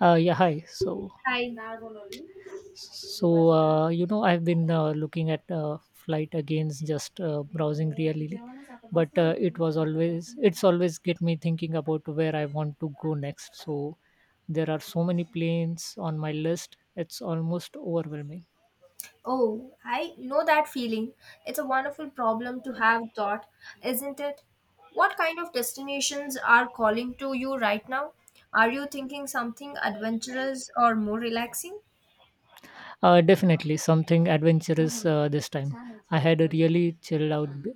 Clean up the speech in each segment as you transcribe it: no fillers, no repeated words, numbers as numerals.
Yeah, Hi. So, I so uh, you know, I've been looking at flight against just browsing really, but it's always get me thinking about where I want to go next. So, there are so many planes on my list; it's almost overwhelming. Oh, I know that feeling. It's a wonderful problem to have thought, isn't it? What kind of destinations are calling to you right now? Are you thinking something adventurous or more relaxing? Definitely something adventurous this time. I had a really chilled out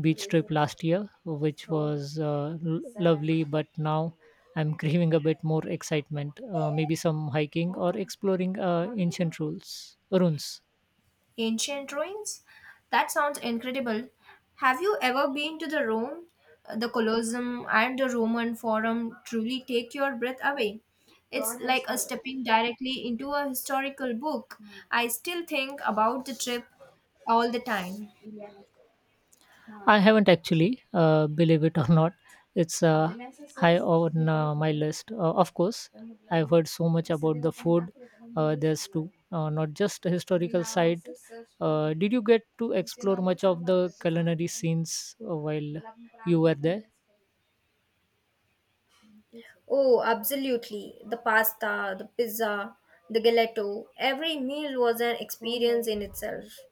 beach trip last year, which was lovely, but now I'm craving a bit more excitement. Maybe some hiking or exploring ancient ruins. Ancient ruins? That sounds incredible. Have you ever been to the Rome, the Colosseum, and the Roman Forum truly take your breath away? It's like a stepping directly into a historical book. I still think about the trip all the time. I haven't actually, believe it or not. It's high on my list. Of course, I've heard so much about the food. There's not just a historical side. Did you get to explore much of the culinary scenes while you were there? Oh, absolutely. The pasta, the pizza, the gelato, every meal was an experience in itself.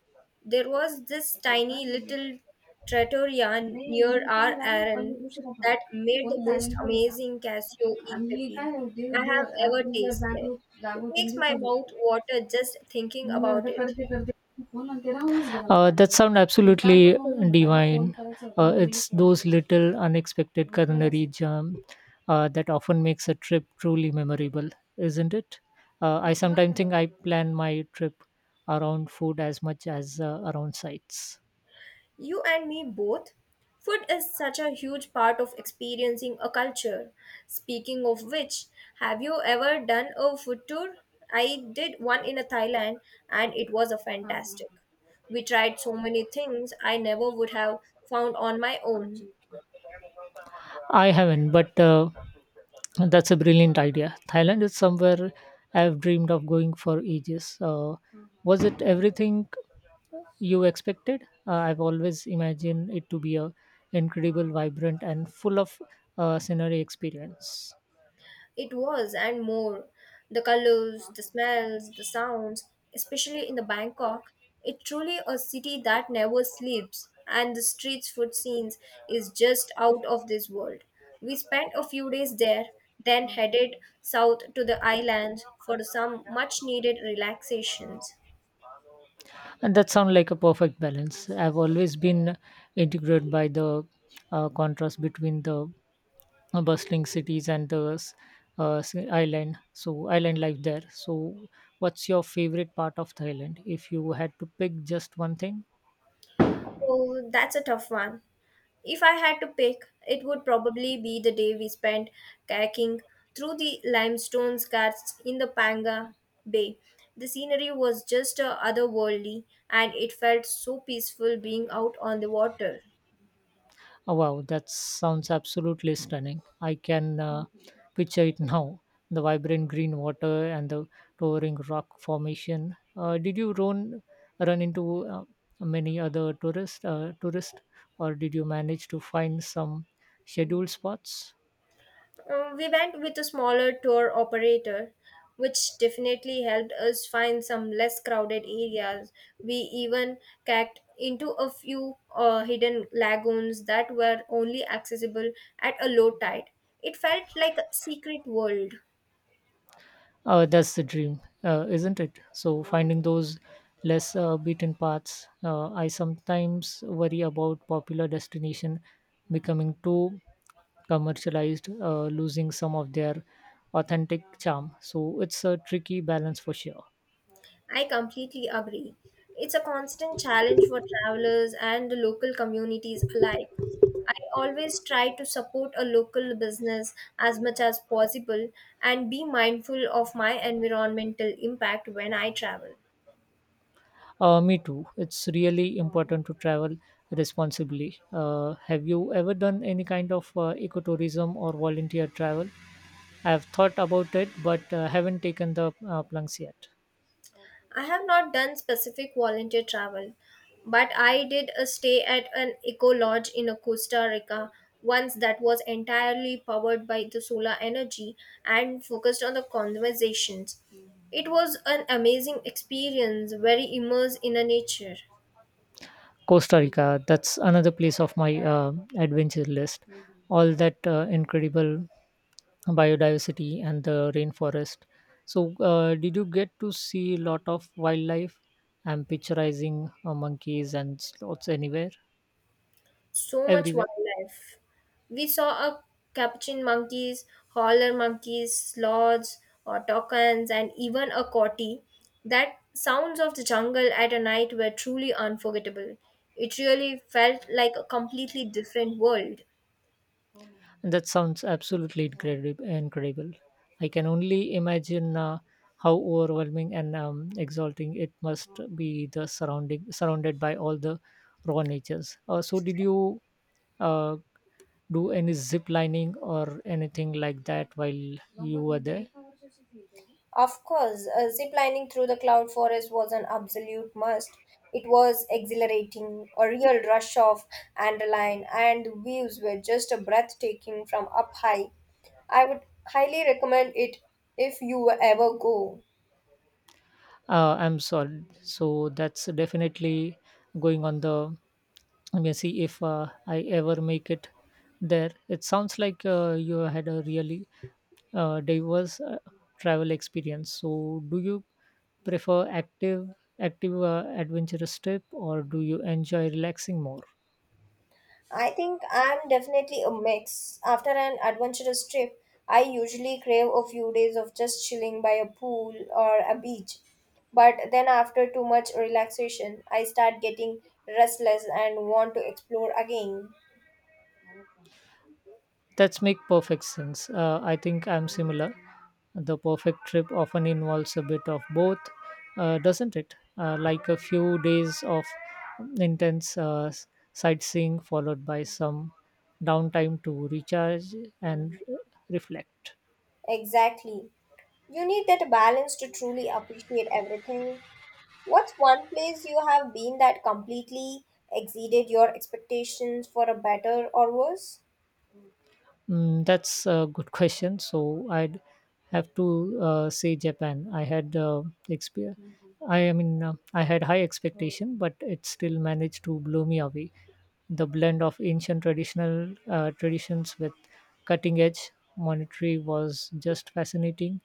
There was this tiny little trattoria near our errand that made the most amazing casio e pepe I have ever tasted. It makes my mouth water just thinking about it. That sound absolutely divine. It's those little unexpected culinary jam that often makes a trip truly memorable, isn't it? I sometimes think I plan my trip around food as much as around sights. You and me both. Food is such a huge part of experiencing a culture. Speaking of which, have you ever done a food tour? I did one in Thailand and it was a fantastic. We tried so many things I never would have found on my own. I haven't, but that's a brilliant idea. Thailand is somewhere I've dreamed of going for ages. Was it everything you expected. I've always imagined it to be a incredible, vibrant, and full of scenery experience. It was, and more. The colors, the smells, the sounds, especially in the Bangkok, it truly a city that never sleeps, and the streets food scenes is just out of this world. We spent a few days there, then headed south to the islands for some much needed relaxations. And that sounds like a perfect balance. I've always been intrigued by the contrast between the bustling cities and the island. So island life there. So, what's your favorite part of Thailand? If you had to pick just one thing. Oh, that's a tough one. If I had to pick, it would probably be the day we spent kayaking through the limestone ghats in the Panga Bay. The scenery was just otherworldly and it felt so peaceful being out on the water. Oh, wow, that sounds absolutely stunning. I can picture it now. The vibrant green water and the towering rock formation. Did you run into many other tourists, or did you manage to find some scheduled spots? We went with a smaller tour operator, which definitely helped us find some less crowded areas. We even cacked into a few hidden lagoons that were only accessible at a low tide. It felt like a secret world. That's the dream, isn't it? So finding those less beaten paths. I sometimes worry about popular destination becoming too commercialized, losing some of their authentic charm. So it's a tricky balance for sure. I completely agree. It's a constant challenge for travelers and the local communities alike. I always try to support a local business as much as possible and be mindful of my environmental impact when I travel. Me too. It's really important to travel responsibly. Have you ever done any kind of ecotourism or volunteer travel? I have thought about it, but haven't taken the plunge yet. I have not done specific volunteer travel, but I did a stay at an eco lodge in Costa Rica once that was entirely powered by the solar energy and focused on the conversations. It was an amazing experience, very immersed in a nature. Costa Rica, that's another place of my adventure list. All that incredible biodiversity and the rainforest. So, did you get to see a lot of wildlife? I'm picturizing monkeys and sloths anywhere, So much everywhere. wildlife. We saw a capuchin monkeys, howler monkeys, sloths, autochthons, and even a coati. That sounds of the jungle at a night were truly unforgettable. It really felt like a completely different world. And that sounds absolutely incredible. Incredible. I can only imagine how overwhelming and exalting it must be. The surrounding surrounded by all the raw natures. So, did you uh, do any zip lining or anything like that while you were there? Of course, zip lining through the cloud forest was an absolute must. It was exhilarating, a real rush of adrenaline, and the views were just a breathtaking from up high. I would highly recommend it if you ever go. I'm sorry. So that's definitely going on the. I'm see if I ever make it there. It sounds like you had a really diverse travel experience. So, do you prefer active adventurous trip, or do you enjoy relaxing more? I think I'm definitely a mix. After an adventurous trip, I usually crave a few days of just chilling by a pool or a beach. But then, after too much relaxation, I start getting restless and want to explore again. That's make perfect sense. I think I'm similar. The perfect trip often involves a bit of both, doesn't it? Like a few days of intense sightseeing followed by some downtime to recharge and reflect. Exactly. You need that balance to truly appreciate everything. What's one place you have been that completely exceeded your expectations for a better or worse? Mm, that's a good question. So I'd have to say Japan. I had expe- I had high expectation, but it still managed to blow me away. The blend of ancient traditional traditions with cutting edge monetary was just fascinating.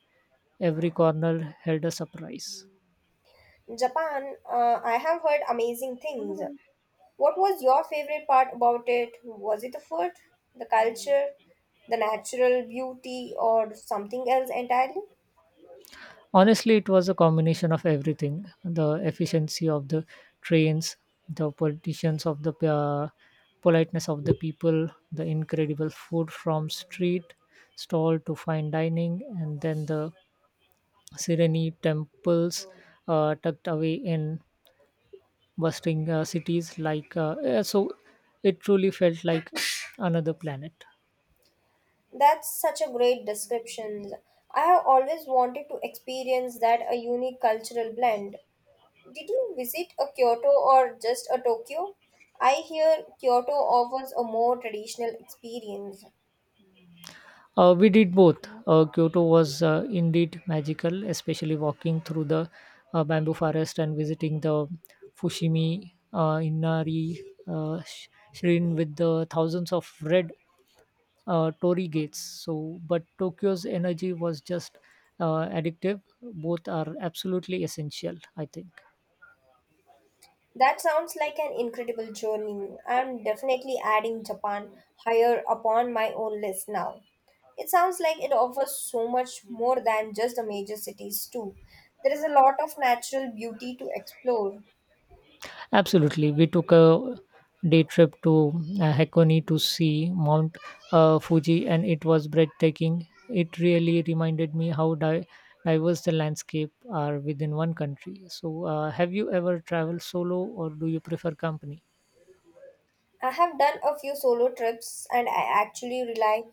Every corner held a surprise. Japan, I have heard amazing things. What was your favorite part about it? Was it the food, the culture, the natural beauty, or something else entirely? Honestly, it was a combination of everything. The efficiency of the trains, the politicians of the politeness of the people, the incredible food from street stall to fine dining, and then the serene temples tucked away in bustling cities like yeah, so it truly felt like another planet. That's such a great description. I have always wanted to experience that a unique cultural blend. Did you visit a Kyoto or just a Tokyo? I hear Kyoto offers a more traditional experience. We did both. Kyoto was indeed magical, especially walking through the bamboo forest and visiting the Fushimi Inari shrine with the thousands of red torii gates. So but Tokyo's energy was just addictive. Both are absolutely essential, I think. That sounds like an incredible journey. I'm definitely adding Japan higher upon my own list now. It sounds like it offers so much more than just the major cities, too. There is a lot of natural beauty to explore. Absolutely. We took a day trip to Hakone to see Mount Fuji, and it was breathtaking. It really reminded me how diverse the landscape are within one country. So, have you ever traveled solo, or do you prefer company? I have done a few solo trips and I actually rely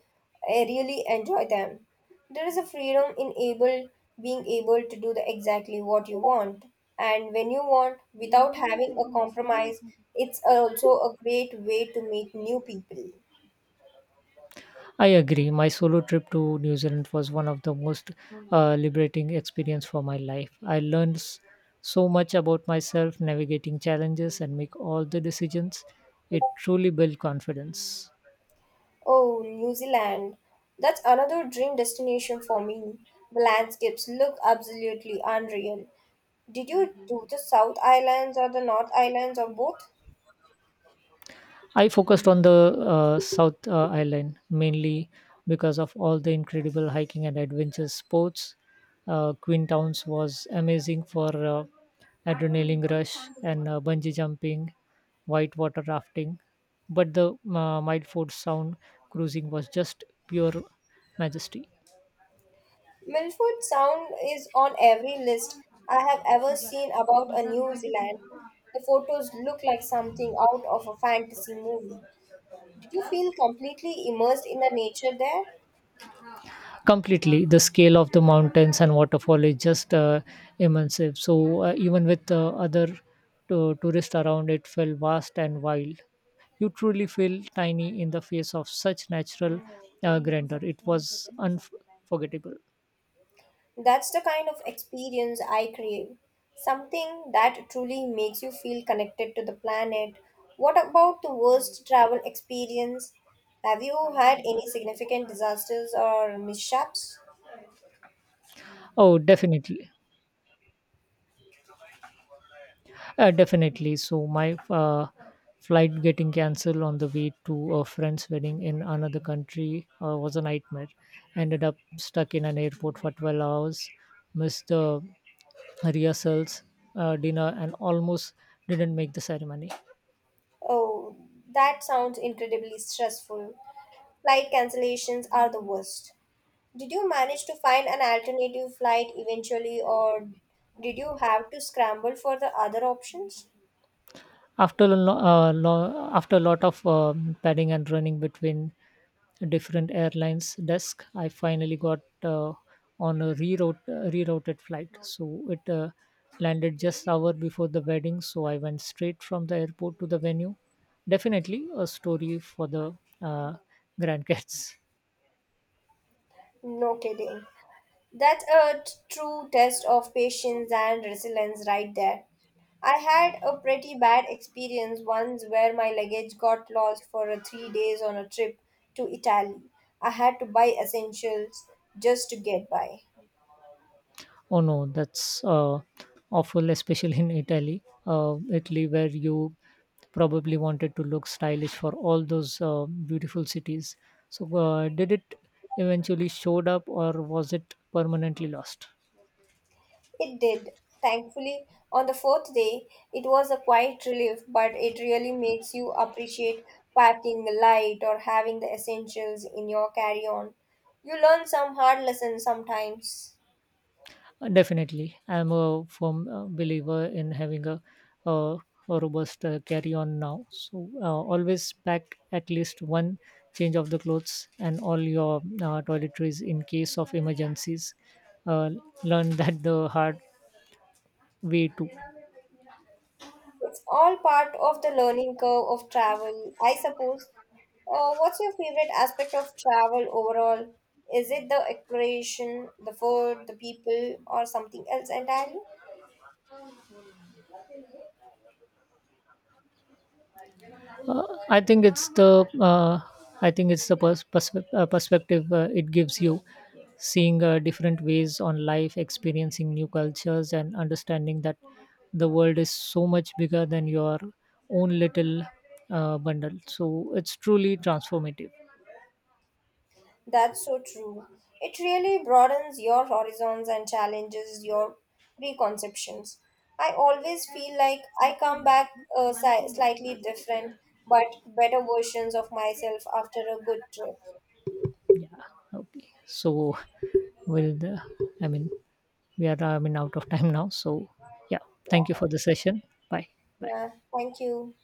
I really enjoy them. There is a freedom in able being able to do the exactly what you want and when you want without having a compromise. It's also a great way to meet new people. I agree. My solo trip to New Zealand was one of the most liberating experience for my life. I learned so much about myself, navigating challenges, and make all the decisions. It truly built confidence. Oh, New Zealand. That's another dream destination for me. The landscapes look absolutely unreal. Did you do the South Islands or the North Islands or both? I focused on the South Island mainly because of all the incredible hiking and adventure sports. Queenstown was amazing for adrenaline rush and bungee jumping, whitewater rafting, but the Milford Sound cruising was just pure majesty. Milford Sound is on every list I have ever seen about a New Zealand. The photos look like something out of a fantasy movie. Did you feel completely immersed in the nature there? Completely. The scale of the mountains and waterfall is just immense. So even with other tourists around, it felt vast and wild. You truly feel tiny in the face of such natural grandeur. It was unforgettable. That's the kind of experience I crave. Something that truly makes you feel connected to the planet. What about the worst travel experience? Have you had any significant disasters or mishaps? Oh definitely. Definitely. So my flight getting cancelled on the way to a friend's wedding in another country was a nightmare. Ended up stuck in an airport for 12 hours, missed the rehearsals, dinner, and almost didn't make the ceremony. Oh, that sounds incredibly stressful. Flight cancellations are the worst. Did you manage to find an alternative flight eventually, or did you have to scramble for the other options? After a lot of padding and running between different airlines desk, I finally got on a rerouted flight. So it landed just hour before the wedding. So I went straight from the airport to the venue. Definitely a story for the grandkids. No kidding. That's a true test of patience and resilience right there. I had a pretty bad experience once where my luggage got lost for a 3 days on a trip to Italy. I had to buy essentials just to get by. Oh no, that's awful, especially in Italy. Italy, where you probably wanted to look stylish for all those beautiful cities. So, did it eventually showed up, or was it permanently lost? It did. Thankfully, on the fourth day, it was a quiet relief, but it really makes you appreciate packing light or having the essentials in your carry on. You learn some hard lessons sometimes. Definitely, I'm a firm believer in having a, a robust carry-on now. So always pack at least one change of the clothes and all your toiletries in case of emergencies. Uh, Learn that the hard way too. It's all part of the learning curve of travel, I suppose. What's your favorite aspect of travel overall? Is it the exploration, the food, the people, or something else entirely? Uh, I think it's the uh, I think it's the perspective it gives you, seeing different ways on life, experiencing new cultures, and understanding that the world is so much bigger than your own little bundle. So it's truly transformative. That's so true. It really broadens your horizons and challenges your preconceptions. I always feel like I come back slightly different but better versions of myself after a good trip. Okay, so will the I mean we are, I mean, out of time now. So yeah, thank you for Yeah, the session. Bye bye. yeah. Thank you.